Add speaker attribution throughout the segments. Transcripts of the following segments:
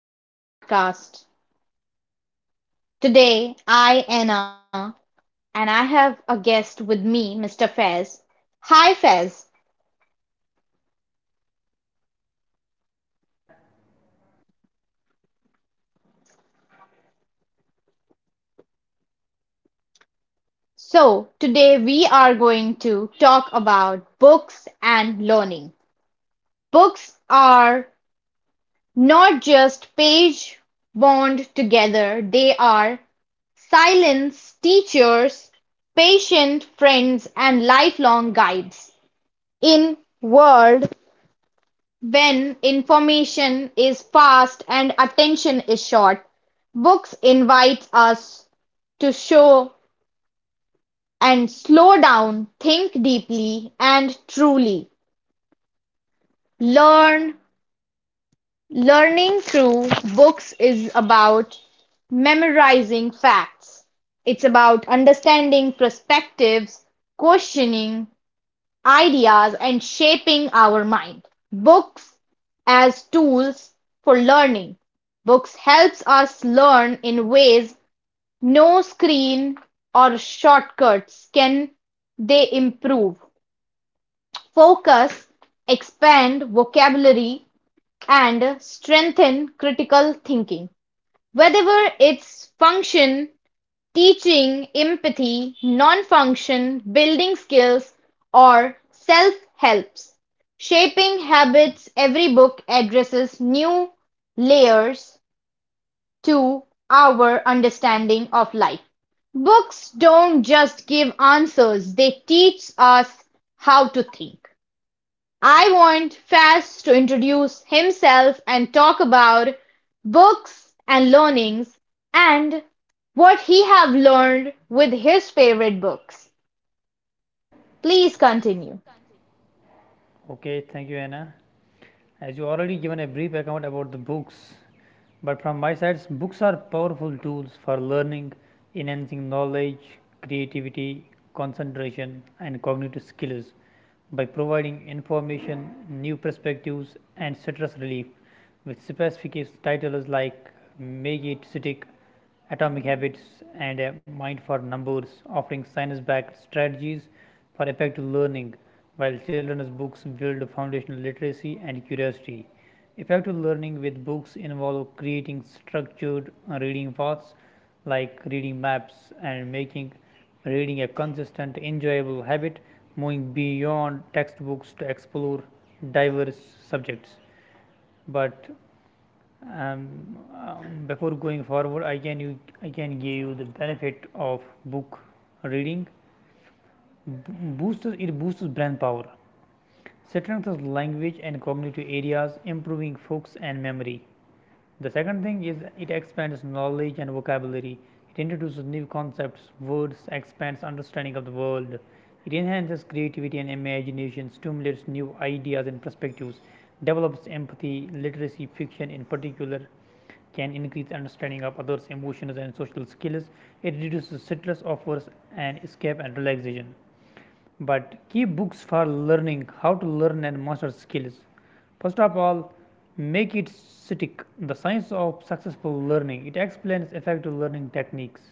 Speaker 1: To our podcast. Today, I, Anna, and I have a guest with me, Mr. Fez. Hi, Fez.
Speaker 2: Hi Anna.
Speaker 1: So, today we are going to talk about books and learning. Books are not just page bound together, they are silence teachers, patient friends, and lifelong guides. In world when information is fast and attention is short, books invite us to show and slow down, think deeply and truly. Learn learning through books is about memorizing facts. It's about understanding perspectives, questioning ideas and shaping our mind. Books as tools for learning. Books helps us learn in ways no screen or shortcuts can, they improve focus, expand vocabulary and strengthen critical thinking. Whatever it's function, teaching empathy, non-function, building skills, or self-helps. Shaping habits, every book addresses new layers to our understanding of life. Books don't just give answers, they teach us how to think. I want Faz to introduce himself and talk about books and learnings and what he have learned with his favorite books. Please continue.
Speaker 2: Okay, thank you Anna. As you already given a brief account about the books, but from my side, books are powerful tools for learning, enhancing knowledge, creativity, concentration, and cognitive skills by providing information, new perspectives, and stress relief with specific titles like Make It Stick, Atomic Habits, and A Mind for Numbers, offering science backed strategies for effective learning, while children's books build foundational literacy and curiosity. Effective learning with books involve creating structured reading paths like reading maps and making reading a consistent, enjoyable habit, moving beyond textbooks to explore diverse subjects. But um, um, Before going forward, I can give you the benefit of book reading. B- Boosts, it boosts brain power, strengthens language and cognitive areas, improving focus and memory. The second thing is it expands knowledge and vocabulary. It introduces new concepts, words, expands understanding of the world. It enhances creativity and imagination, stimulates new ideas and perspectives, develops empathy. Literacy fiction in particular can increase understanding of others' emotions and social skills. It reduces stress, offers an escape and relaxation. But key books for learning how to learn and master skills. First of all, Make It Stick: The Science of Successful Learning. It explains effective learning techniques.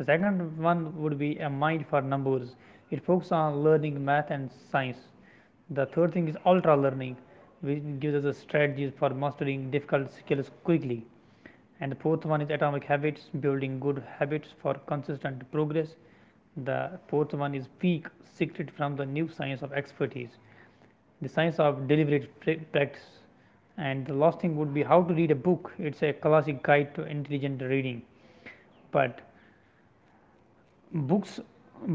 Speaker 2: The second one would be A Mind for Numbers. It focuses on learning math and science. The third thing is Ultra Learning, which gives us strategies for mastering difficult skills quickly. And the fourth one is Atomic Habits, building good habits for consistent progress. The fourth one is Peak, Secret from the New Science of Expertise, the science of deliberate practice. And the last thing would be How to Read a Book. It's a classic guide to intelligent reading. But books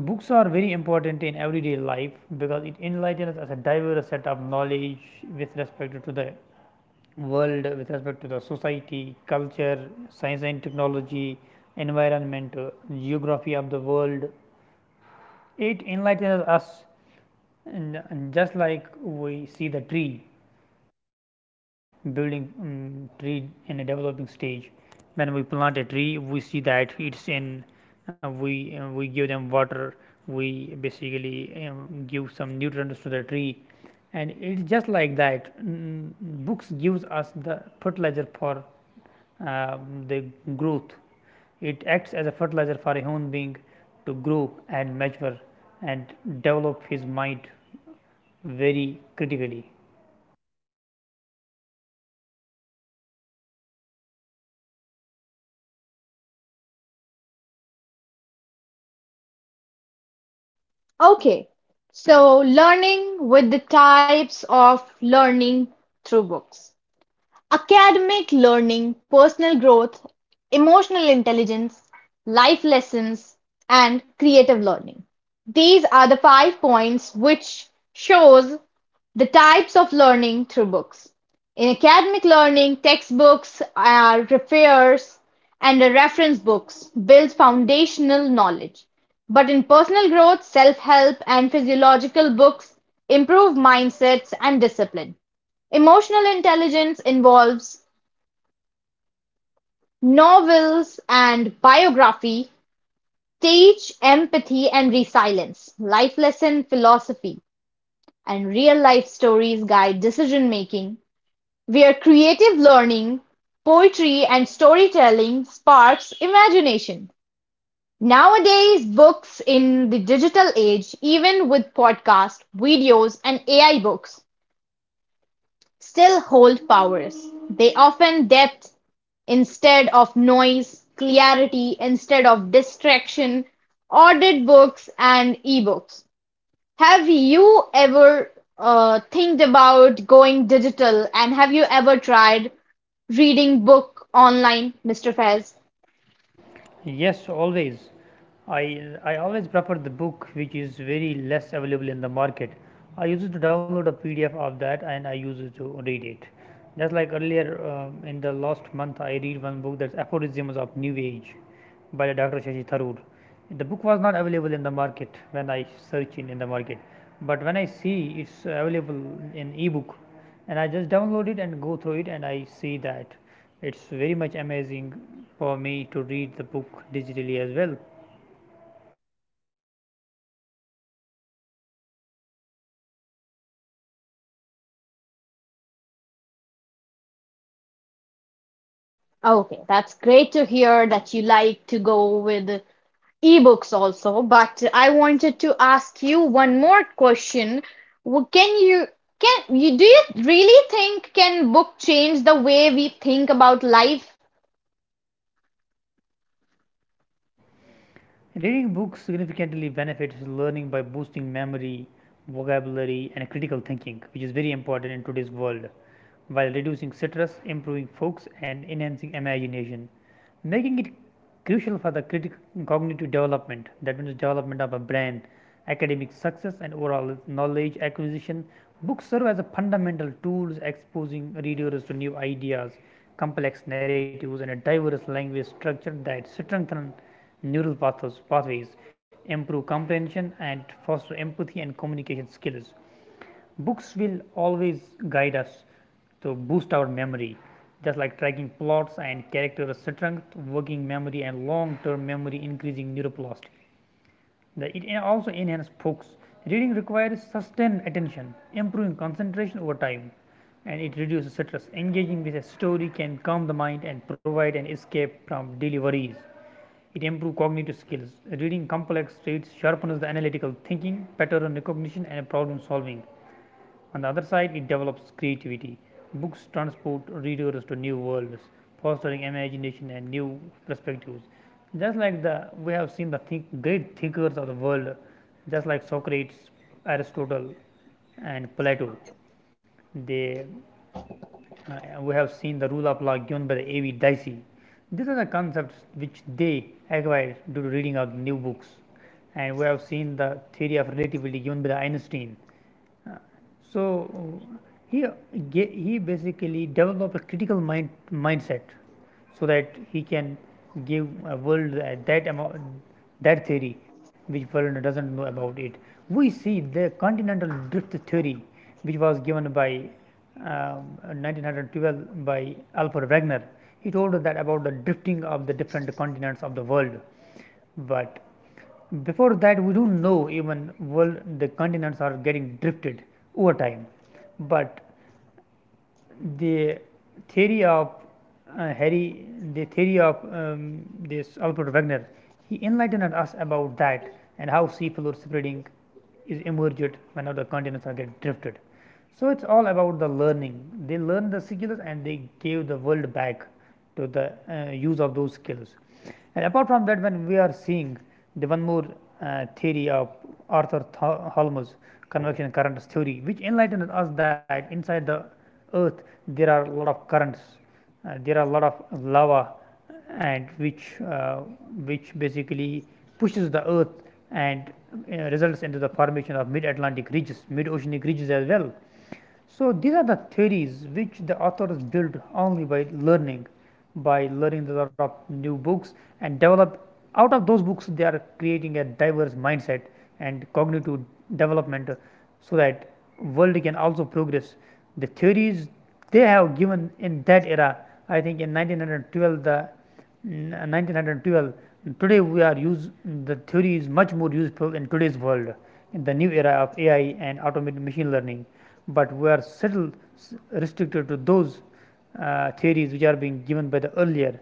Speaker 2: books are very important in everyday life because it enlightens us a diverse set of knowledge with respect to the world, with respect to the society, culture, science and technology, environment, geography of the world. It enlightens us, and just like we see the tree building tree in a developing stage. When we plant a tree, we see that it's in. We give them water. We basically give some nutrients to the tree, and it's just like that. Books gives us the fertilizer for um, the growth. It acts as a fertilizer for a human being to grow and mature and develop his mind very critically.
Speaker 1: Okay. So learning with the types of learning through books. Academic learning, personal growth, emotional intelligence, life lessons, and creative learning. These are the five points which shows the types of learning through books. In academic learning, textbooks are referers and reference books build foundational knowledge. But in personal growth, self help, and physiological books improve mindsets and discipline. Emotional intelligence involves novels and biography, stage empathy and resilience, life lesson philosophy, and real-life stories guide decision-making, where creative learning, poetry, and storytelling sparks imagination. Nowadays, books in the digital age, even with podcasts, videos, and AI books, still hold powers; they often depth instead of noise, clarity instead of distraction, audit books and ebooks. Have you ever think about going digital and have you ever tried reading book online, Mr. Fez?
Speaker 2: Yes, always. I always prefer the book which is very less available in the market. I used to download a PDF of that and I used to read it. Just like earlier in the last month, I read one book, that's Aphorisms of New Age by the Dr. Shashi Tharoor. The book was not available in the market when I search in the market, but when I see it's available in ebook, and I just download it and go through it and I see that it's very much amazing for me to read the book digitally as well.
Speaker 1: Okay, that's great to hear that you like to go with ebooks also, but I wanted to ask you one more question. Can you can you do you really think can book change the way we think about life?
Speaker 2: Reading books significantly benefits learning by boosting memory, vocabulary, and critical thinking, which is very important in today's world, while reducing stress, improving focus, and enhancing imagination, making it crucial for the critic cognitive development, that means development of a brain, academic success, and overall knowledge acquisition. Books serve as a fundamental tools, exposing readers to new ideas, complex narratives, and a diverse language structure that strengthen pathways, improve comprehension, and foster empathy and communication skills. Books will always guide us to boost our memory, just like tracking plots and character strength, working memory, and long term memory, increasing neuroplasticity. It also enhances focus. Reading requires sustained attention, improving concentration over time, and it reduces stress. Engaging with a story can calm the mind and provide an escape from daily worries. It improves cognitive skills. Reading complex traits sharpens the analytical thinking, pattern recognition, and problem solving. On the other side, it develops creativity. Books transport readers to new worlds, fostering imagination and new perspectives. Just like the we have seen the think, Great thinkers of the world, just like Socrates, Aristotle, and Plato, they we have seen the rule of law given by the A.V. Dicey. These are the concepts which they acquired due to reading of new books, and we have seen the theory of relativity given by the Einstein. uh, So he he basically develop a critical mindset so that he can give a world that amount, that theory which world doesn't know about it. We see the continental drift theory which was given by 1912 by Alfred Wegener. He told that about the drifting of the different continents of the world, but before that, we don't know even world the continents are getting drifted over time, but the theory of uh, Harry, the theory of um, this Alfred Wegener, he enlightened us about that and how sea floor spreading is emergent when other continents are get drifted. So it's all about the learning. They learn the skills and they gave the world back to the use of those skills. And apart from that, when we are seeing the one more theory of Holmes, convection currents theory, which enlightened us that inside the earth there are a lot of currents, there are a lot of lava, and uh, which basically pushes the earth and results into the formation of mid atlantic ridges, mid oceanic ridges as well. So these are the theories which the authors build only by learning a lot of new books and develop. Out of those books they are creating a diverse mindset and cognitive development, so that world can also progress. The theories they have given in that era, I think in 1912, today we are use, the theory is much more useful in today's world, in the new era of ai and automated machine learning, but we are still restricted to those theories which are being given by the earlier.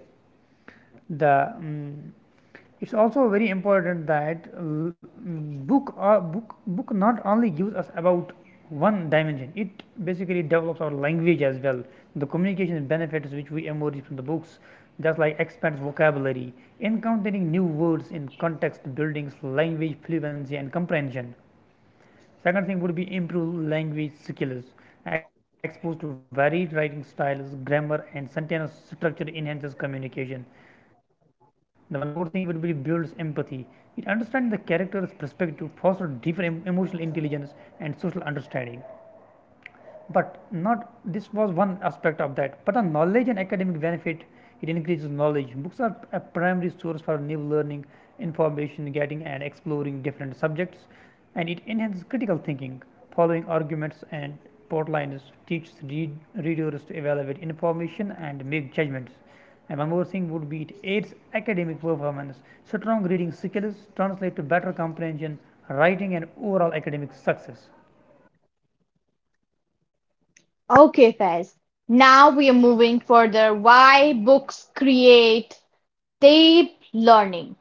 Speaker 2: The It's also very important that book not only gives us about one dimension. It basically develops our language as well. The communication benefits which we emerge from the books, just like expands vocabulary, encountering new words in context, buildings language fluency and comprehension. Second thing would be improve language skills. Exposed to varied writing styles, grammar, and sentence structure enhances communication. The one more thing would be builds empathy. It understands the character's perspective, fosters deeper emotional intelligence and social understanding. But not, this was one aspect of that, but on knowledge and academic benefit, it increases knowledge. Books are a primary source for new learning, information getting and exploring different subjects, and it enhances critical thinking. Following arguments and outlines teaches readers to evaluate information and make judgments. And one more thing would be it aids academic performance. Strong reading skills translate to better comprehension, writing and overall academic success.
Speaker 1: Okay, Faz. Now we are moving further. Why books create deep learning.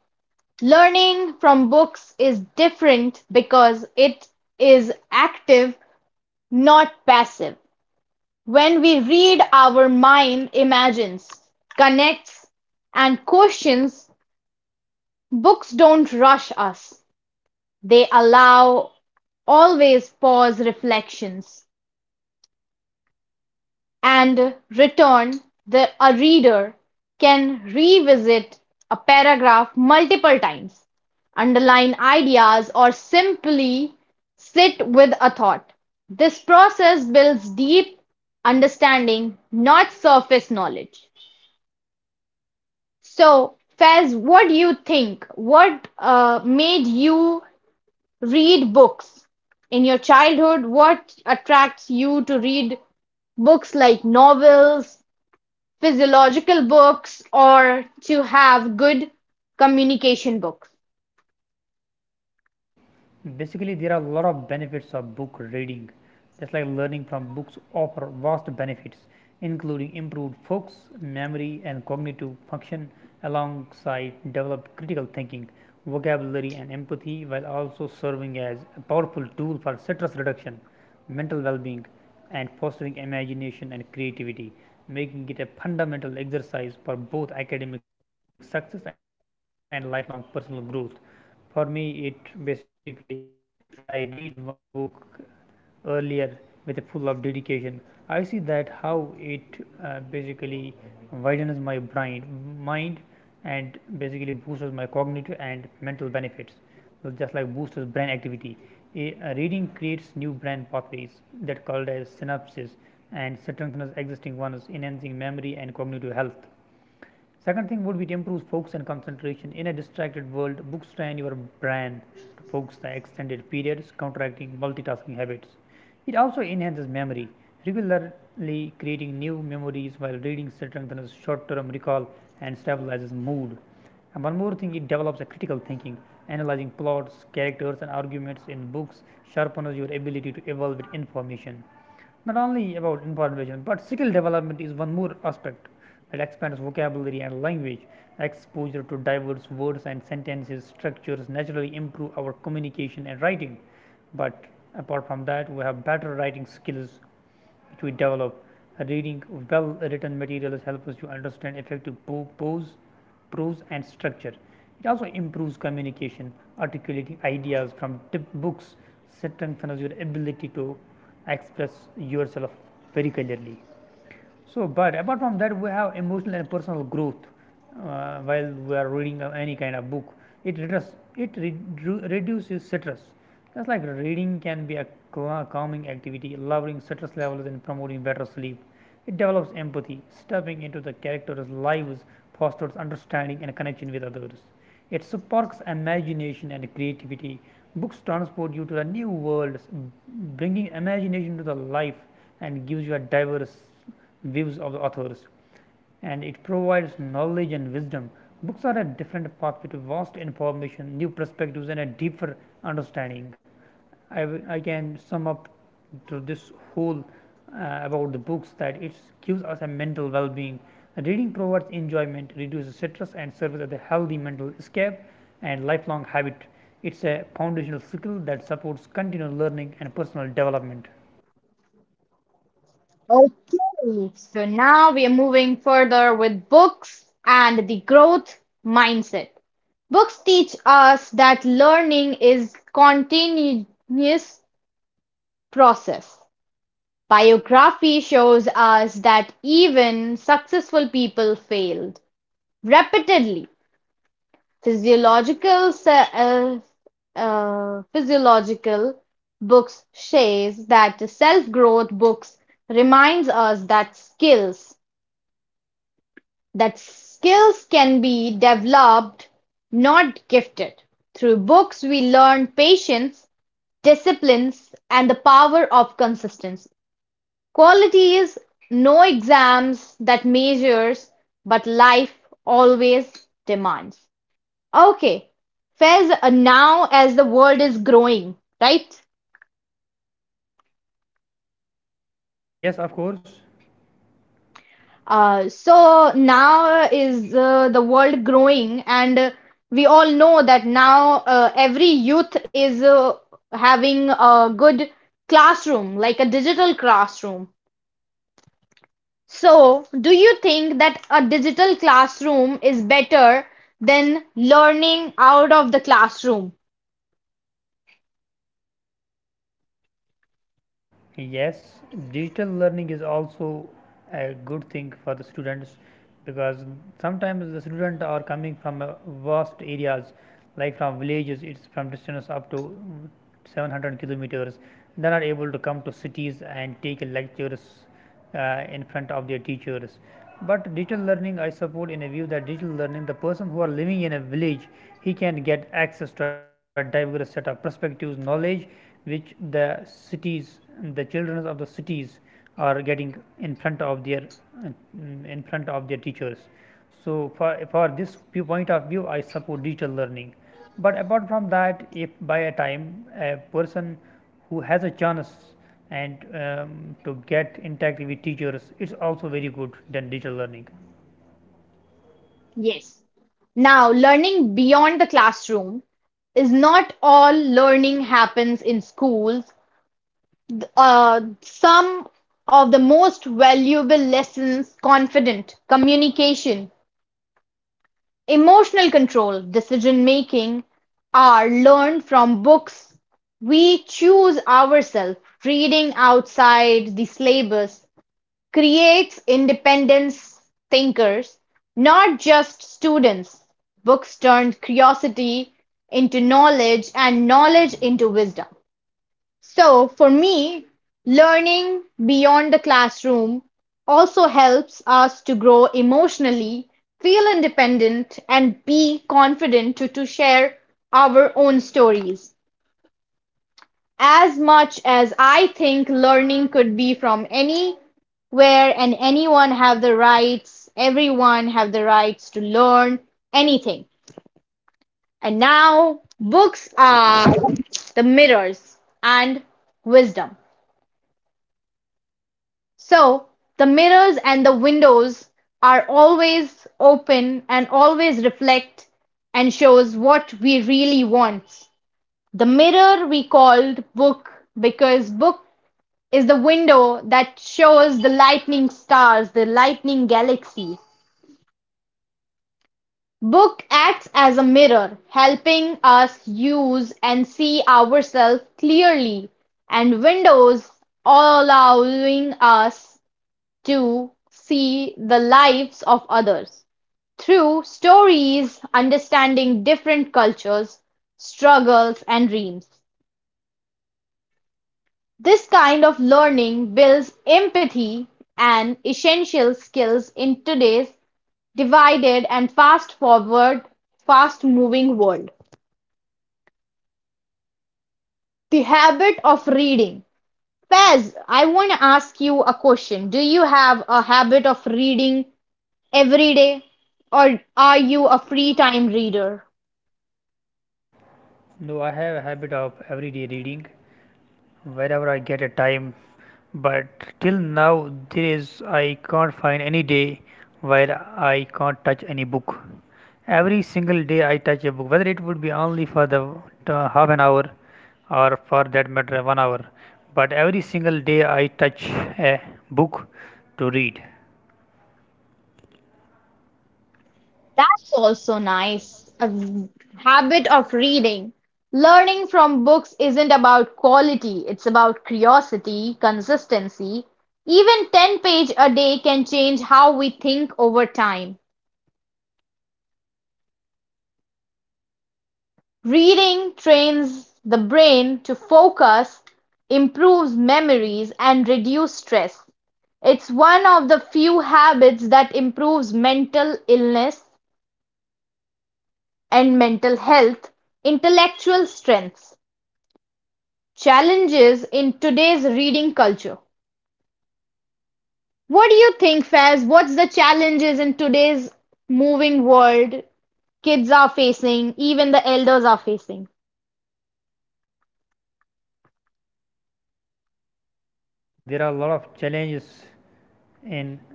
Speaker 1: Learning from books is different because it is active, not passive. When we read our mind imagines, connects, and questions, books don't rush us. They allow always pause reflections and return the a reader can revisit a paragraph multiple times, underline ideas, or simply sit with a thought. This process builds deep understanding, not surface knowledge. So, Faiz, what do you think? What made you read books in your childhood? What attracts you to read books like novels, physiological books, or to have good communication books?
Speaker 2: Basically there are a lot of benefits of book reading, just like learning from books offer vast benefits including improved focus, memory and cognitive function, alongside develop critical thinking, vocabulary and empathy, while also serving as a powerful tool for stress reduction, mental well-being, and fostering imagination and creativity, making it a fundamental exercise for both academic success and lifelong personal growth. For me it basically, when I read one book earlier with a full of dedication, I see that how it basically widens my brain mind and basically boosts my cognitive and mental benefits. So just like boosts brain activity. A Reading creates new brain pathways, that called as synapses, and strengthens existing ones, enhancing memory and cognitive health. Second thing would be it improves focus and concentration. In a distracted world, books train your brain to focus the extended periods, counteracting multitasking habits. It also enhances memory. Regularly creating new memories while reading strengthens short term recall and stabilizes mood. And one more thing, it develops a critical thinking. Analyzing plots, characters, and arguments in books sharpens your ability to evaluate information. Not only about information, but skill development is one more aspect that expands vocabulary and language. Exposure to diverse words and sentences structures naturally improve our communication and writing. But apart from that, we have better writing skills which we develop. Reading well written material helps us to understand effective prose and structure. It also improves communication, articulating ideas from tip books, strengthens your ability to express yourself very clearly. So, but apart from that, we have emotional and personal growth while we are reading any kind of book. It reduces, reduces stress. Just like reading can be a calming activity, lowering stress levels and promoting better sleep. It develops empathy, stepping into the character's lives, fosters understanding and connection with others. It sparks imagination and creativity. Books transport you to the new worlds, bringing imagination to the life and gives you a diverse views of the authors and it provides knowledge and wisdom. Books are a different pathway to vast information, new perspectives, and a deeper understanding. I can sum up to this whole about the books that it gives us a mental well being. Reading provides enjoyment, reduces stress, and serves as a healthy mental escape and lifelong habit. It's a foundational skill that supports continual learning and personal development.
Speaker 1: Okay, so now we are moving further with books and the growth mindset. Books teach us that learning is continuous process. Biography shows us that even successful people failed repeatedly. Physiological se- uh, physiological books says that self-growth books reminds us that skills can be developed, not gifted. Through books we learn patience, disciplines and the power of consistency. Quality is no exams that measures, but life always demands. Okay, Faiz, now as the world is growing, right?
Speaker 2: Yes, of course.
Speaker 1: So now is the world growing, and we all know that now every youth is having a good classroom, like a digital classroom. So, do you think that a digital classroom is better than learning out of the classroom?
Speaker 2: Yes, digital learning is also a good thing for the students because sometimes the students are coming from vast areas, like from villages, it's from distance up to mm, 700 kilometers. They're able to come to cities and take lectures in front of their teachers. But digital learning, I support in a view that digital learning, the person who are living in a village, he can get access to a diverse set of perspectives, knowledge, which the cities, the children of the cities are getting in front of their in front of their teachers. So for this point of view, I support digital learning. But apart from that, if by a time a person who has a chance and to get in touch with teachers, it's also very good than digital learning.
Speaker 1: Yes. Now, learning beyond the classroom is not all learning happens in schools. Some of the most valuable lessons confident communication, emotional control, decision-making are learned from books we choose ourselves. Reading outside the syllabus creates independent thinkers, not just students. Books turned curiosity into knowledge and knowledge into wisdom. So for me, learning beyond the classroom also helps us to grow emotionally, feel independent, and be confident to share our own stories. As much as I think learning could be from anywhere and anyone have the rights, everyone have the rights to learn anything. And now books are the mirrors and wisdom. So, the mirrors and the windows are always open and always reflect and shows what we really want. The mirror we called book because book is the window that shows the lightning stars, the lightning galaxy. Book acts as a mirror, helping us use and see ourselves clearly, and windows allowing us to see the lives of others. Through stories, understanding different cultures, struggles, and dreams. This kind of learning builds empathy and essential skills in today's divided and fast forward, fast moving world. The habit of reading. Faz, I want to ask you a question. Do you have a habit of reading every day, or are you a free time reader?
Speaker 2: No, I have a habit of everyday reading wherever I get a time. But till now, there is I can't find any day where I can't touch any book. Every single day I touch a book, whether it would be only for the half an hour or for that matter 1 hour. But every single day I touch a book to read.
Speaker 1: That's also nice. A habit of reading. Learning from books isn't about quality, it's about curiosity, consistency. Even 10 page a day can change how we think over time. Reading trains the brain to focus, improves memories, and reduce stress. It's one of the few habits that improves mental illness and mental health, intellectual strengths. Challenges in today's reading culture. What do you think, Faz? What's the challenges in today's moving world kids are facing, even the elders are facing?
Speaker 2: There are a lot of challenges in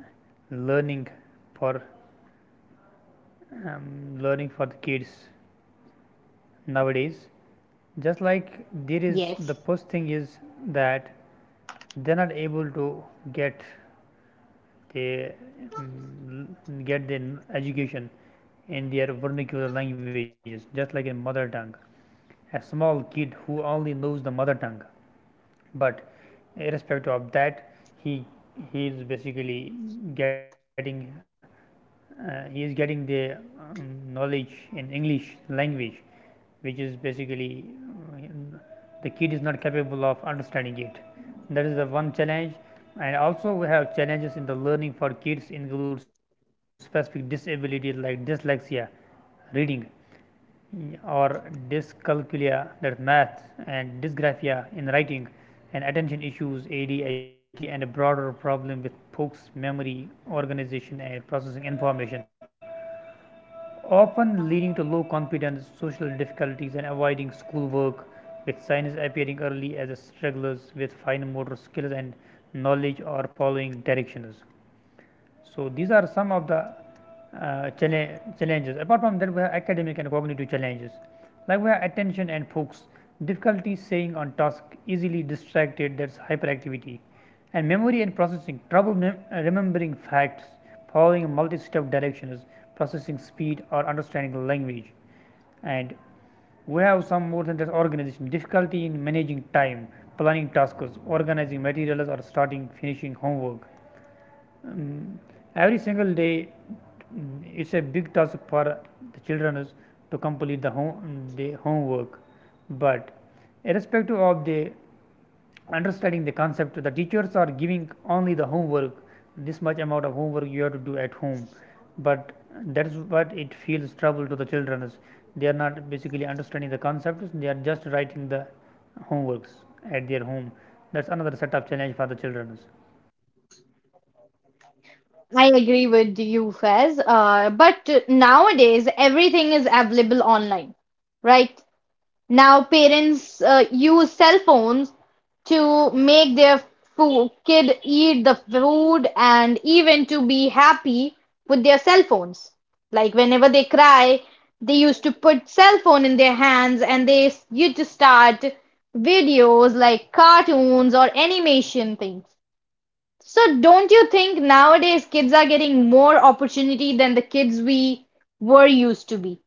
Speaker 2: learning for um, learning for the kids nowadays just like there is
Speaker 1: Yes,
Speaker 2: the first thing is that they're not able to get the mm, get the education in their vernacular languages just like in mother tongue, a small kid who only knows the mother tongue, but irrespective of that he is basically getting he is getting the knowledge in english language, which is basically uh, the kid is not capable of understanding it. That is the one challenge. And also we have challenges in the learning for kids include specific disabilities like dyslexia, reading, or dyscalculia, that's math, and dysgraphia in writing, and attention issues, ADHD, and a broader problem with folks' memory, organization, and processing information, often leading to low confidence, social difficulties, and avoiding schoolwork, with signs appearing early as strugglers with fine motor skills and knowledge or following directions. So, these are some of the uh, challenges. Apart from that, we have academic and cognitive challenges, like we have attention and focus, difficulty staying on task, easily distracted, that's hyperactivity, and memory and processing trouble remembering facts, following a multi-step directions, processing speed or understanding language. And we have some more than just organization, difficulty in managing time, planning tasks, organizing materials, or starting finishing homework. um, every single day, it's a big task for the children is to complete the home the homework. But irrespective of the understanding the concept, the teachers are giving only the homework, this much amount of homework you have to do at home. But that's what it feels trouble to the children. They are not basically understanding the concepts, they are just writing the homeworks at their home. That's another set of challenge for the children.
Speaker 1: I agree with you, Faz. But nowadays, everything is available online, right? Now parents use cell phones to make their fo kid eat the food and even to be happy with their cell phones. Like whenever they cry, they used to put cell phone in their hands and they used to start videos like cartoons or animation things. So don't you think nowadays kids are getting more opportunity than the kids we were used to be?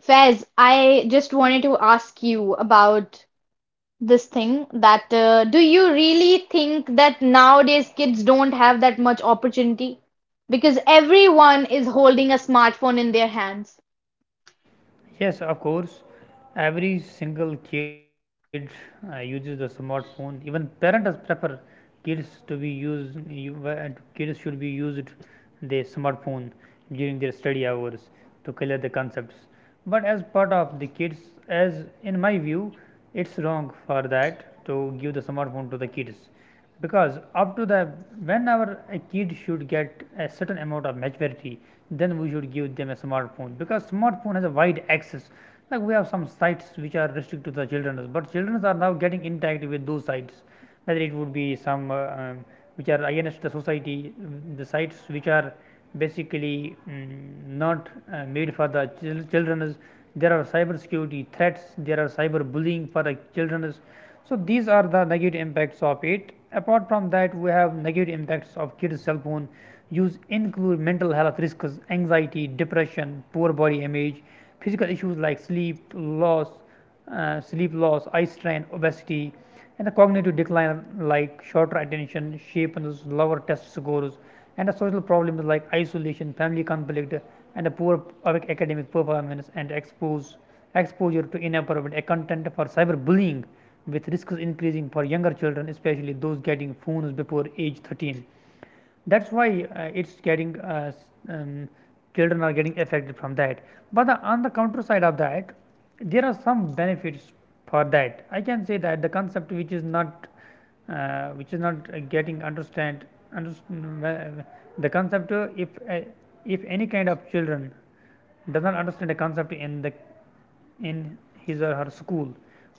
Speaker 1: Fez, I just wanted to ask you about this thing that do you really think that nowadays kids don't have that much opportunity? Because everyone is holding a smartphone in their hands.
Speaker 2: Yes, of course. Every single kid uses the smartphone. Even parents prefer kids to be used. Kids should be used the smartphone during their study hours to clear the concepts. But as part of the kids, as in my view, it's wrong for that to give the smartphone to the kids, because up to the whenever a kid should get a certain amount of maturity, then we should give them a smartphone, because smartphone has a wide access. Like we have some sites which are restricted to the children, but children are now getting interact with those sites. Whether it would be some which are against the society, the sites which are basically not made for the children. There are cyber security threats. There are cyber bullying for the children. So these are the negative impacts of it. Apart from that, we have negative impacts of kids' cell phone use include mental health risks, anxiety, depression, poor body image, physical issues like sleep loss, eye strain, obesity, and the cognitive decline like shorter attention, sharpness, lower test scores, and the social problems like isolation, family conflict, and a poor academic performance, and expose exposure to inappropriate content for cyberbullying, with risks increasing for younger children, especially those getting phones before age 13. That's why it's getting um, children are getting affected from that. But the, on the counter side of that, there are some benefits. For that I can say that the concept which is not getting understand the concept. If any kind of children does not understand the concept in the in his or her school,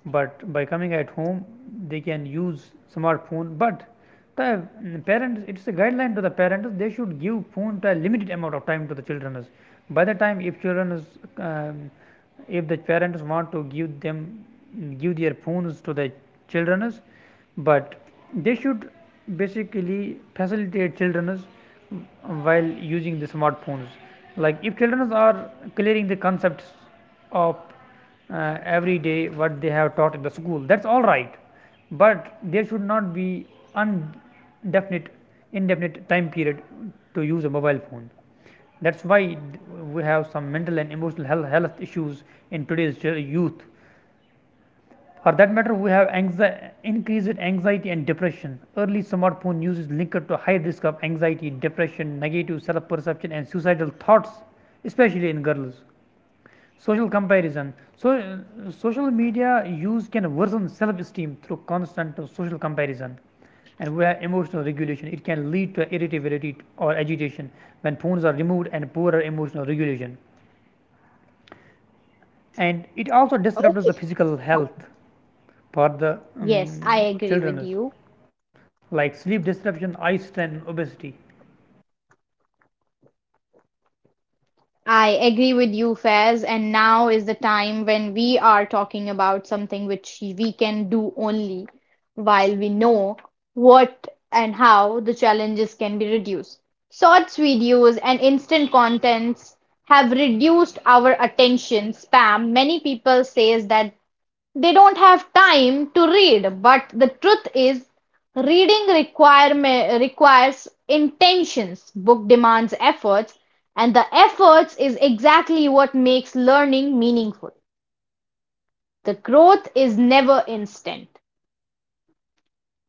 Speaker 2: but by coming at home they can use smartphone. But the, parents, it's a guideline to the parents, they should give phone to a limited amount of time to the children. By the time if children is um, if the parents want to give them, give their phones to the children, but they should basically facilitate children while using the smartphones. Like if children are clearing the concepts of every day what they have taught in the school, that's all right. But there should not be indefinite indefinite time period to use a mobile phone. That's why we have some mental and emotional health issues in today's youth. For that matter, we have increase in anxiety and depression. Early smartphone use is linked to high risk of anxiety, depression, negative self perception, and suicidal thoughts, especially in girls. Social comparison. So, social media use can worsen self esteem through constant social comparison. And we have emotional regulation. It can lead to irritability or agitation when phones are removed and poorer emotional regulation. And it also disrupts the physical health for the
Speaker 1: Yes, I agree with
Speaker 2: children,
Speaker 1: you.
Speaker 2: like sleep disruption, eye strain, obesity.
Speaker 1: I agree with you, Faiz, and now is the time when we are talking about something which we can do only while we know what and how the challenges can be reduced. Shorts videos and instant contents have reduced our attention spam. Many people says that they don't have time to read, but the truth is, reading require, requires intentions, book demands efforts, and the efforts is exactly what makes learning meaningful. The growth is never instant.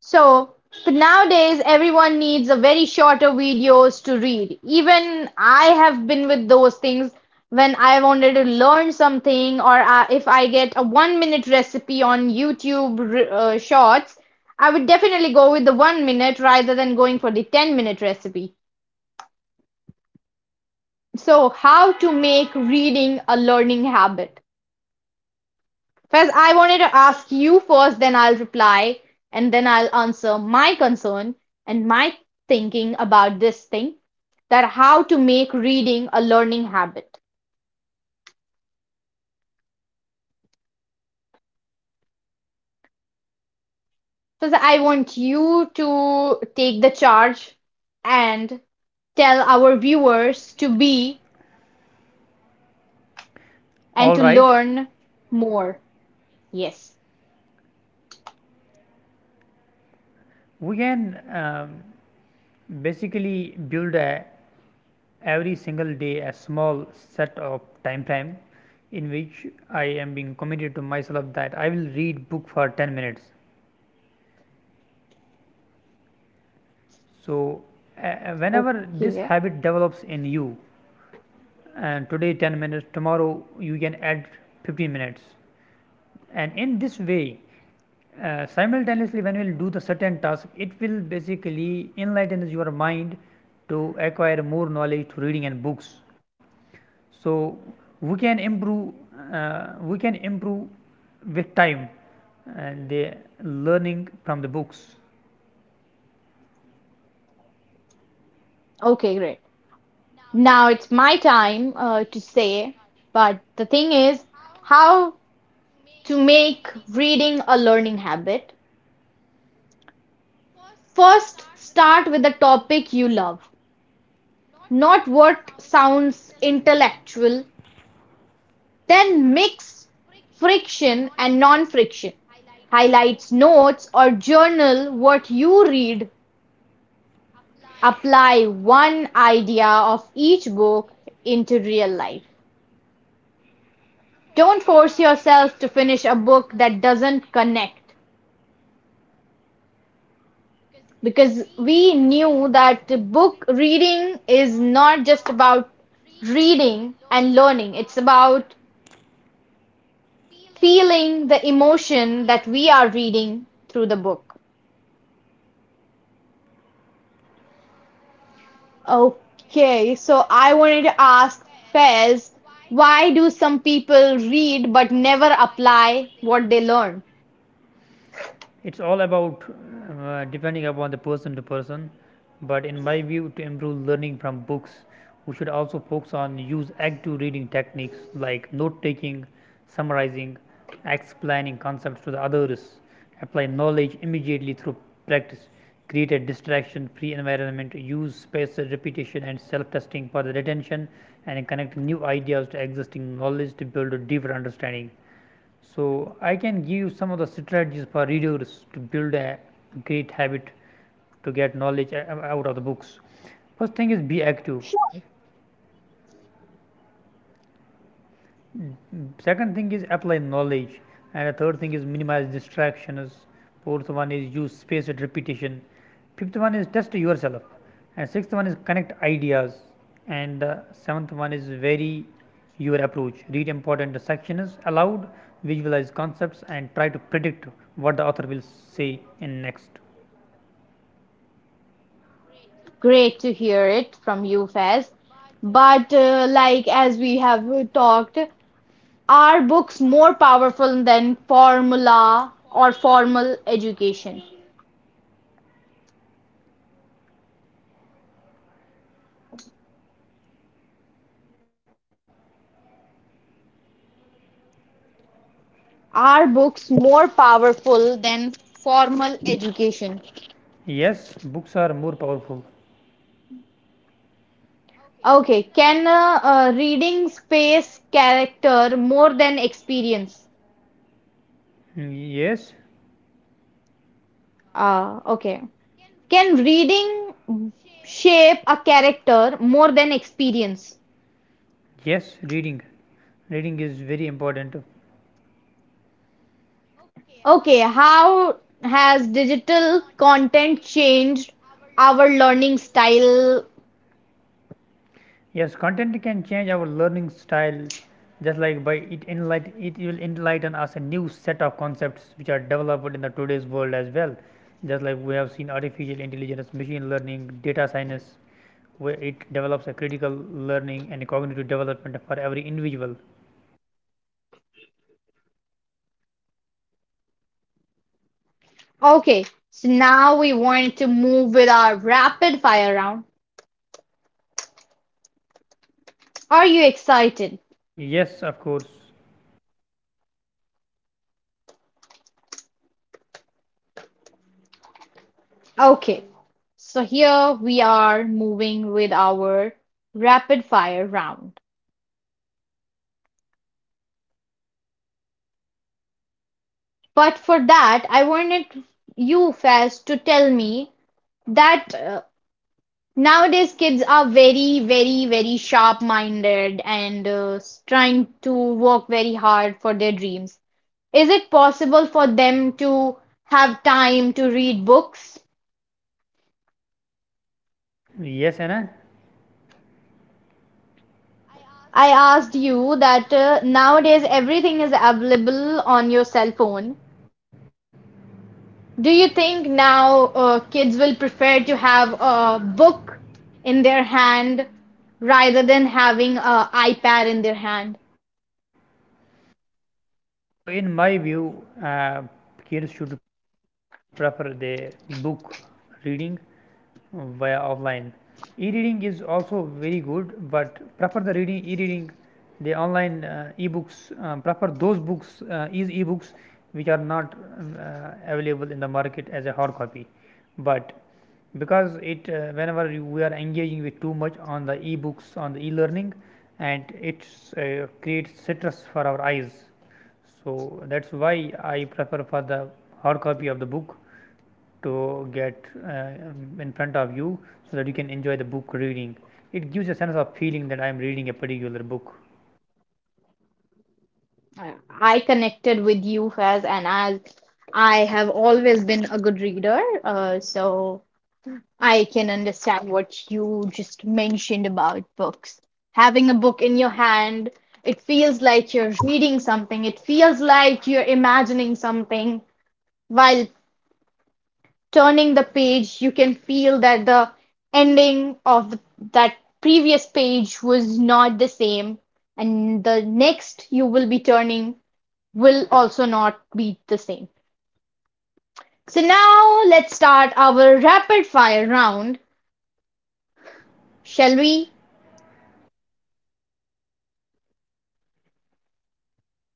Speaker 1: So, but nowadays everyone needs a very shorter videos to read. Even I have been with those things when I wanted to learn something, or if I get a 1 minute recipe on YouTube shorts, I would definitely go with the 1 minute rather than going for the 10-minute recipe. So, how to make reading a learning habit? Faiz, I wanted to ask you first, then I'll reply, and then I'll answer my concern and my thinking about this thing that how to make reading a learning habit.
Speaker 2: Every single day, you should take a time set. For example, today only make
Speaker 1: Faiz,
Speaker 2: I,
Speaker 1: I want you to take the charge and tell our viewers to be
Speaker 2: all
Speaker 1: and to
Speaker 2: right.
Speaker 1: learn more. Yes.
Speaker 2: We can basically build a every single day a small set of time frame in which I am being committed to myself that I will read book for 10 minutes. So whenever this
Speaker 1: Okay.
Speaker 2: habit develops in you, and today 10 minutes tomorrow you can add 15 minutes. And in this way simultaneously when you will do the certain task, it will basically enlighten your mind to acquire more knowledge through reading and books. So we can improve we can improve with time and the learning from the books.
Speaker 1: Okay, great. Now it's my time to say, but the thing is, how to make reading a learning habit, first start with a topic you love, not what sounds intellectual. Then mix friction and non friction. Highlights, notes, or journal what you read. Apply one idea of each book into real life. Don't force yourself to finish a book that doesn't connect. Because we knew that book reading is not just about reading and learning, it's about feeling the emotion that we are reading through the book. Okay, so I wanted to ask Fez, why do some people read but never apply what they learn?
Speaker 2: It's all about depending upon the person to person. But in my view, to improve learning from books, we should also focus on use active reading techniques like note taking, summarizing, explaining concepts to the others, apply knowledge immediately through practice, create a distraction free environment, use spaced repetition and self testing for the retention, and connect new ideas to existing knowledge to build a deeper understanding. So I can give you some of the strategies for readers to build a great habit to get knowledge out of the books. First thing is be active.
Speaker 1: Sure.
Speaker 2: Second thing is apply knowledge, and the third thing is minimize distractions, fourth one is use spaced repetition, fifth one is test yourself, and sixth one is connect ideas, and seventh one is vary your approach, read important sections aloud, visualize concepts, and try to predict what the author will say in next.
Speaker 1: Great to hear it from you, Fez. But like as we have talked, are books more powerful than formula or formal education? Are books more powerful than formal education?
Speaker 2: Yes, books are more powerful.
Speaker 1: Okay, can reading space character more than experience?
Speaker 2: Mm, yes.
Speaker 1: Okay. Can reading shape a character more than experience?
Speaker 2: Yes, reading reading is very important.
Speaker 1: Okay, how has digital content changed our learning style?
Speaker 2: Yes, content can change our learning style, just like by it enlighten, it will enlighten us a new set of concepts which are developed in the today's world as well. Just like we have seen artificial intelligence, machine learning, data science, where it develops a critical learning and cognitive development for every individual.
Speaker 1: Okay, so now we want to move with our rapid fire round. Are you excited?
Speaker 2: Yes, of course.
Speaker 1: Okay, so here we are moving with our rapid fire round. But for that, I wanted you, Faz, to tell me that nowadays kids are very, very, very sharp minded and trying to work very hard for their dreams. Is it possible for them to have time to read books?
Speaker 2: Yes, Anna.
Speaker 1: I asked you that nowadays everything is available on your cell phone. Do you think now kids will prefer to have a book in their hand rather than having an iPad in their hand?
Speaker 2: No, in my view, uh, kids should prefer the book reading via offline. E-reading is also very good, but prefer the reading e-reading, the online e-books. Prefer those books is e-books which are not available in the market as a hard copy. But because it whenever we are engaging with too much on the e-books on the e-learning, and it creates stress for our eyes. So that's why I prefer for the hard copy of the book to get in front of you so that you can enjoy the book reading. It gives a sense of feeling that I am reading a particular book.
Speaker 1: I connected with you, Faz, and as I have always been a good reader, so I can understand what you just mentioned about books. Having a book in your hand, it feels like you're reading something, it feels like you're imagining something. While turning the page, you can feel that the ending of the, that previous page was not the same, and the next you will be turning will also not be the same. So now let's start our rapid fire round, shall we?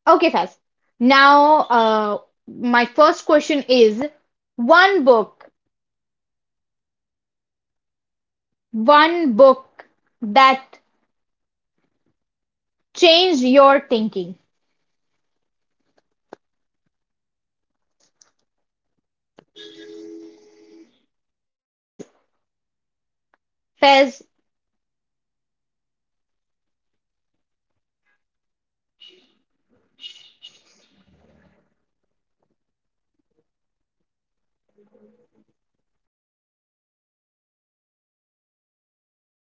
Speaker 1: Okay, Sas. Now, my first question is one book, one book that changed your thinking.
Speaker 2: Aphorisms of New
Speaker 1: Fez,
Speaker 2: Age by
Speaker 1: Fez.
Speaker 2: Dr. Shashi Tharoor. Aphorisms of New Age by Dr. Shashi Tharoor.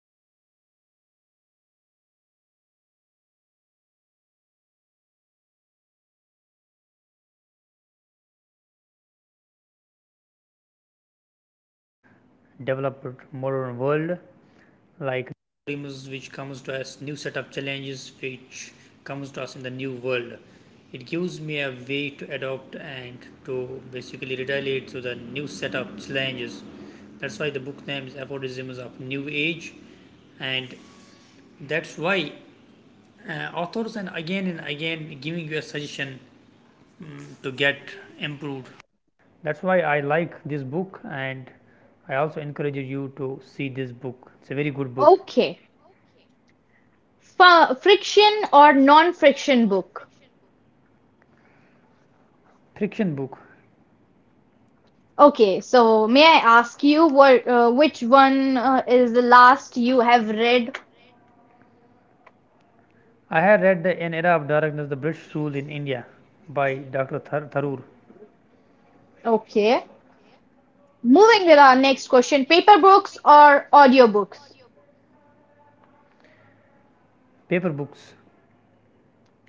Speaker 2: This book gives me the new set of uh, the things which are being established in the new developed modern world, like dreams which comes to us, new set of challenges which comes to us in the new world. It gives me a way to adopt and to basically relate to the new set of challenges. That's why the book name is Aphorisms of New Age. And that's why authors and again giving you a suggestion to get improved. That's why I like this book, and I also encourage you to see this book. It's a very good book.
Speaker 1: Okay. F friction or non-friction book?
Speaker 2: Friction book.
Speaker 1: Okay, so may I ask you what which one is the last you have read?
Speaker 2: I had read the An Era of Darkness, The British Rule in India by Dr. Tharoor.
Speaker 1: Okay. Moving with our next question, paper books or audiobooks?
Speaker 2: Paper books.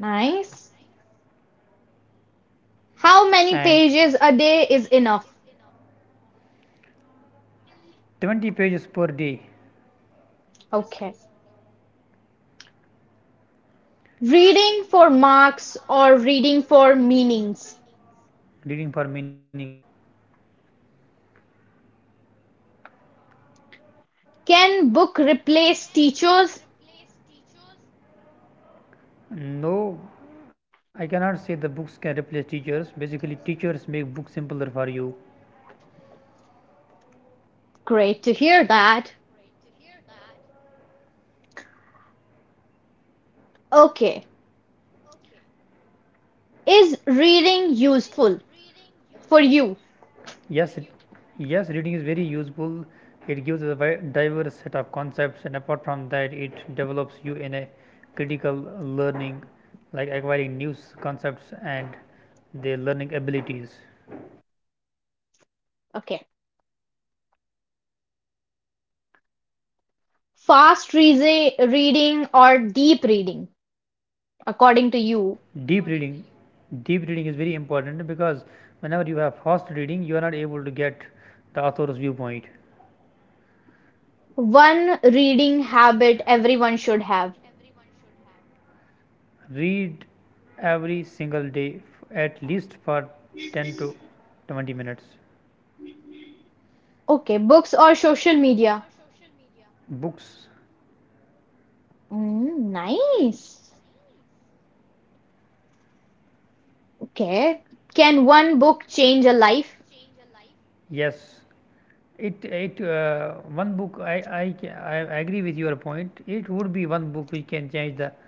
Speaker 1: Nice. How many
Speaker 2: And
Speaker 1: pages a day is enough?
Speaker 2: 20 pages per day.
Speaker 1: Okay. Reading for marks or reading for meanings?
Speaker 2: Reading for meanings.
Speaker 1: Can book replace teachers?
Speaker 2: No, I cannot say the books can replace teachers. Basically, teachers make books simpler for you.
Speaker 1: Great to hear that. Okay. Is reading useful for you?
Speaker 2: Yes, it- yes, reading is very useful. It gives a diverse set of concepts, and apart from that, it develops you in a critical learning, like acquiring new concepts and their learning abilities.
Speaker 1: Okay. Reading or deep reading, according to you?
Speaker 2: Deep reading, deep reading is very important, because whenever you have fast reading, you are not able to get the author's viewpoint.
Speaker 1: One reading habit everyone should have.
Speaker 2: Read every single day, at least for 10 to 20 minutes.
Speaker 1: Okay. Books or social media?
Speaker 2: Books.
Speaker 1: Mm, nice. Okay. Can one book change a life?
Speaker 2: Yes. It one book I agree with your point. It would be one book which can change the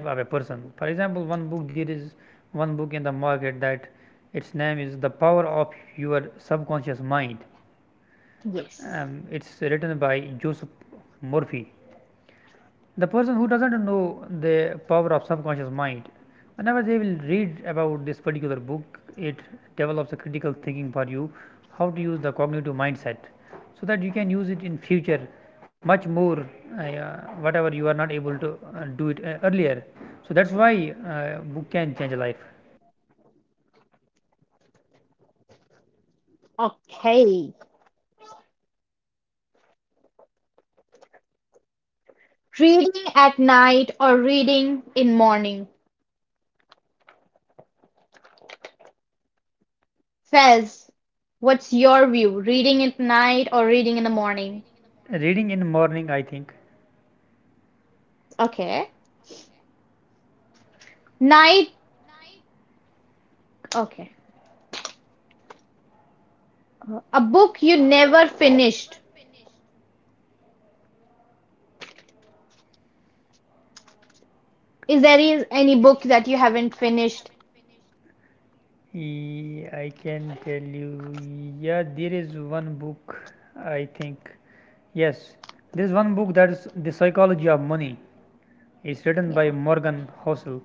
Speaker 2: life of a person. For example, one book, there is one book in the market that its name is The Power of Your Subconscious Mind.
Speaker 1: Yes.
Speaker 2: It's written by Joseph Murphy. The person who doesn't know the power of subconscious mind, whenever they will read about this particular book, it develops a critical thinking for you, how to use the cognitive mindset, so that you can use it in future much more. Yeah, whatever you are not able to do it earlier. So that's why book can change life.
Speaker 1: Okay. Reading at night or reading in morning? Fez, what's your view? Reading at night or reading in the morning?
Speaker 2: Reading in morning, I think.
Speaker 1: Okay. Night, okay. A book you never finished. Is there is any book that you haven't finished?
Speaker 2: Yeah, I can tell you, yeah, there is one book, I think. Yes, there's one book, that's The Psychology of Money. It's written by
Speaker 1: Yeah,
Speaker 2: Morgan Housel.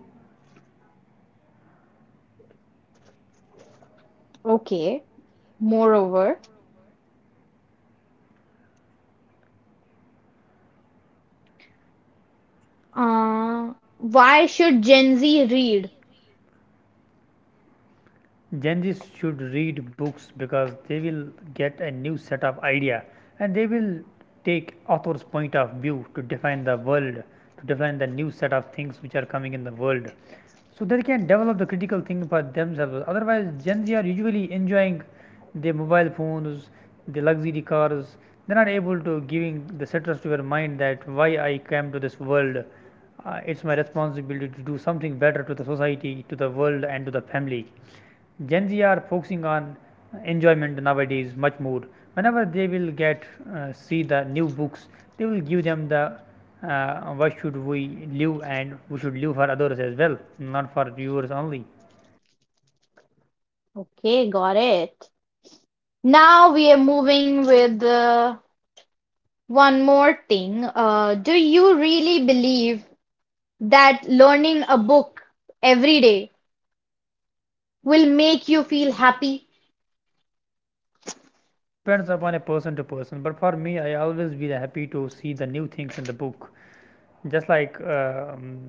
Speaker 1: okay. Moreover, why should Gen Z read?
Speaker 2: Gen Zs should read books because they will get a new set of idea, and they will take author's point of view to define the world, to define the new set of things which are coming in the world. So they can develop the critical thinking for themselves. Otherwise, Gen Z are usually enjoying their mobile phones, the luxury cars. They're not able to giving the sentence to their mind that why I came to this world. It's my responsibility to do something better to the society, to the world, and to the family. Gen Z are focusing on enjoyment nowadays much more. Whenever they will get see the new books, they will give them the what should we live, and we should live for others as well, not for viewers only.
Speaker 1: Okay, got it. Now we are moving with one more thing. Do you really believe that learning a book every day will make you feel happy?
Speaker 2: Yes, it depends upon a person to person, but for me, I always be happy to see the new things in the book. Just like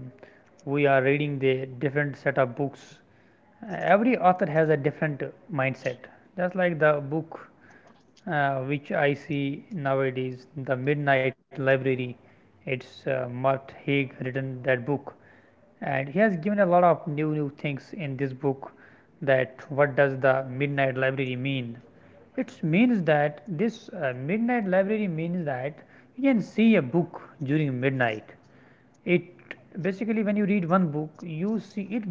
Speaker 2: we are reading the different set of books, every author has a different mindset. Just like the book which I see nowadays, the Midnight Library. It's Mart Haig written that book, and he has given a lot of new things in this book. That what does the Midnight Library mean? It means that this Midnight Library means that you can see a book during midnight. It basically, when you read one book, you see it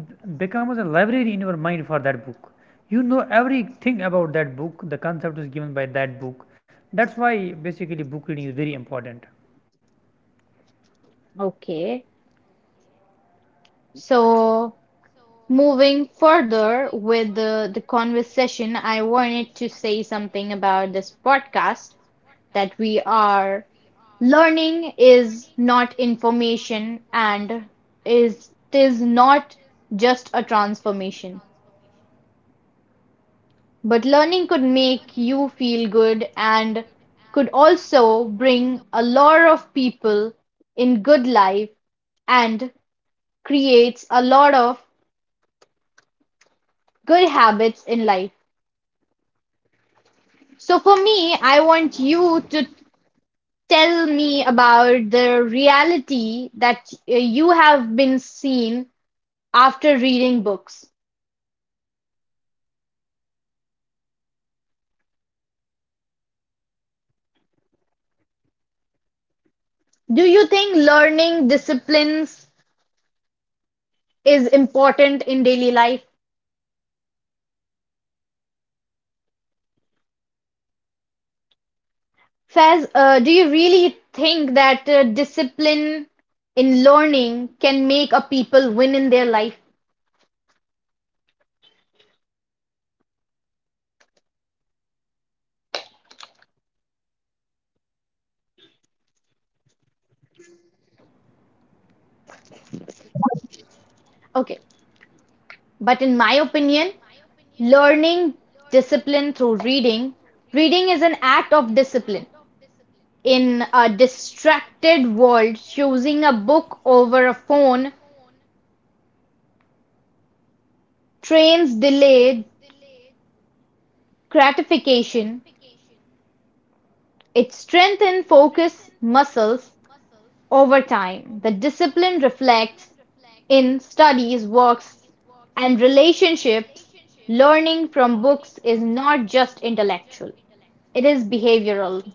Speaker 2: becomes a library in your mind. For that book, you know everything about that book, the concept is given by that book. That's why basically book reading is very important.
Speaker 1: Okay. So moving further with the conversation, I wanted to say something about this podcast that we are learning is not information and is it is not just a transformation. But learning could make you feel good and could also bring a lot of people in good life and creates a lot of good habits in life. So for me, I want you to tell me about the reality that you have been seen after reading books.
Speaker 2: Book reading is very much important, as I earlier told you
Speaker 1: Do
Speaker 2: that,
Speaker 1: you
Speaker 2: the why
Speaker 1: think
Speaker 2: it is
Speaker 1: learning
Speaker 2: important.
Speaker 1: disciplines is important in daily life?
Speaker 2: Yes, of course.
Speaker 1: Faz, do you really think that discipline in learning can make a people win in their life?
Speaker 2: Yes, absolutely. Uh, and there, wherever there is discipline, there is always win.
Speaker 1: Okay, but in my opinion, learning discipline through reading, reading is an act of discipline. In a distracted world, choosing a book over a phone trains delayed gratification. It strengthens focus muscles over time. The discipline reflects in studies, works, and relationships. Learning from books is not just intellectual, it is behavioral.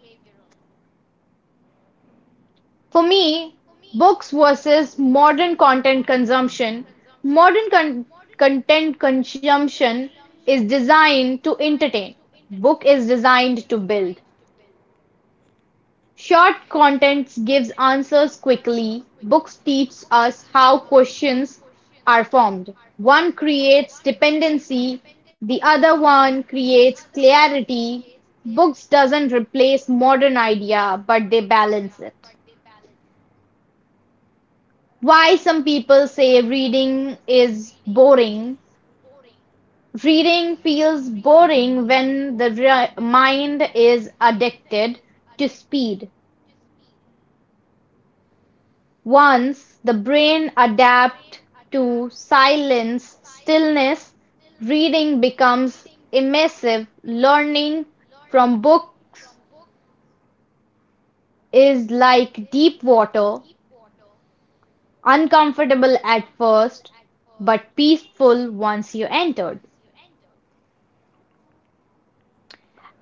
Speaker 1: For me, books versus modern content consumption: Modern con content consumption is designed to entertain; book is designed to build. Short contents gives answers quickly. Books teach us how questions are formed. One creates dependency, the other one creates clarity. Books doesn't replace modern idea, but they balance it. Why some people say reading is boring. Reading feels boring when the mind is addicted to speed. Once the brain adapts to silence, stillness, reading becomes immersive. Learning from books is like deep water, uncomfortable at first, but peaceful once you entered.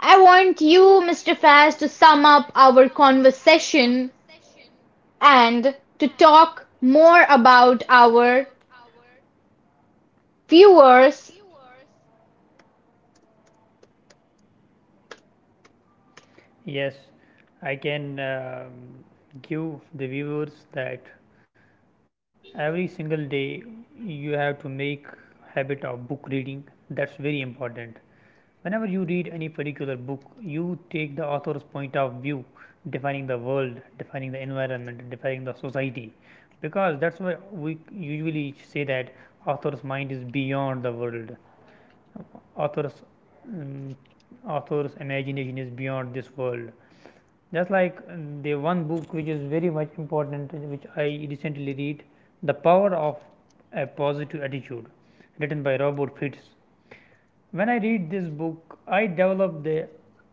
Speaker 1: I want you, Mr. Faz, to sum up our conversation and to talk more about our viewers.
Speaker 2: Yes, I can give the viewers that every single day you have to make habit of book reading. That's very important. Whenever you read any particular book, you take the author's point of view, defining the world, defining the environment, defining the society. Because that's why we usually say that author's mind is beyond the world. Author's um, author's imagination is beyond this world. Just like the one book which is very much important, which I recently read, The Power of a Positive Attitude, written by Robert Fritz. When I read this book, I develop the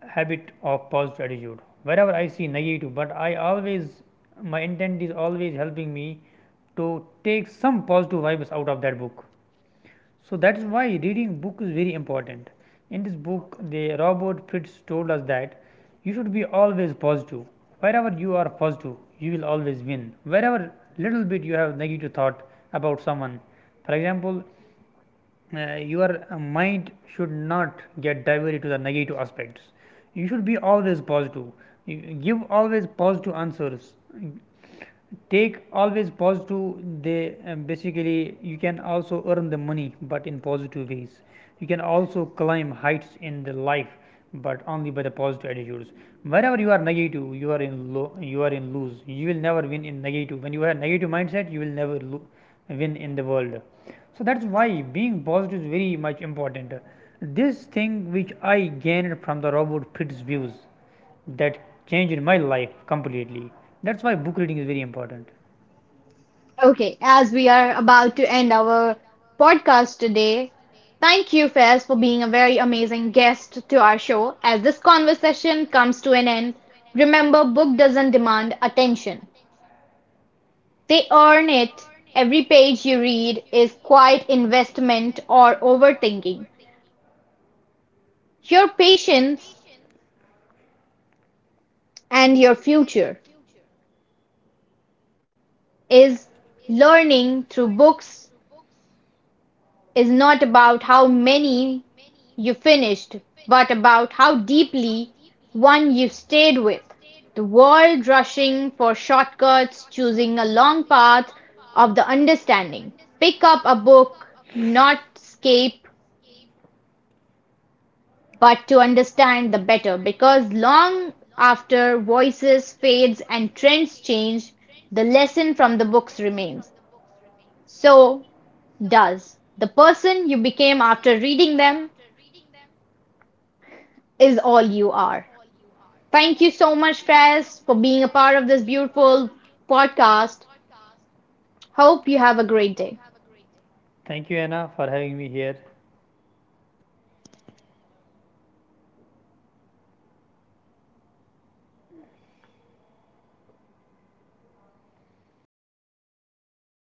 Speaker 2: habit of positive attitude. Wherever I see negative, but I always, my intent is always helping me to take some positive vibes out of that book. So that's why reading book is very important. In this book, the Robert Fritz told us that you should be always positive. Wherever you are positive, you will always win. Wherever little bit you have negative thought about someone, for example, your mind should not get diverted to the negative aspects. You should be always positive. Give always positive answers, take always positive, they basically you can also earn the money, but in positive ways. You can also climb heights in the life, but only by the positive attitudes. Whenever you are negative, you are in low, you are in lose. You will never win in negative. When you have negative mindset, you will never win in the world. So that's why being positive is very much important. This thing which I gained from the Robert Pitt's views, that changed my life completely. That's why book reading is very important.
Speaker 1: Okay, as we are about to end our podcast today, thank you, Faz, for being a very amazing guest to our show. As this conversation comes to an end, remember book doesn't demand attention. They earn it. Every page you read is quiet investment or overthinking. Your patience and your future is learning through books is not about how many you finished, but about how deeply one you stayed with. The world rushing for shortcuts, choosing a long path of the understanding. Pick up a book, not escape, but to understand the better, because long after voices fades and trends change, the lesson from the books remains. So does. The person you became after reading them is all you are. Thank you so much, Fraz, for being a part of this beautiful podcast. Hope you have a great day.
Speaker 2: Thank you, Anna, for having me here.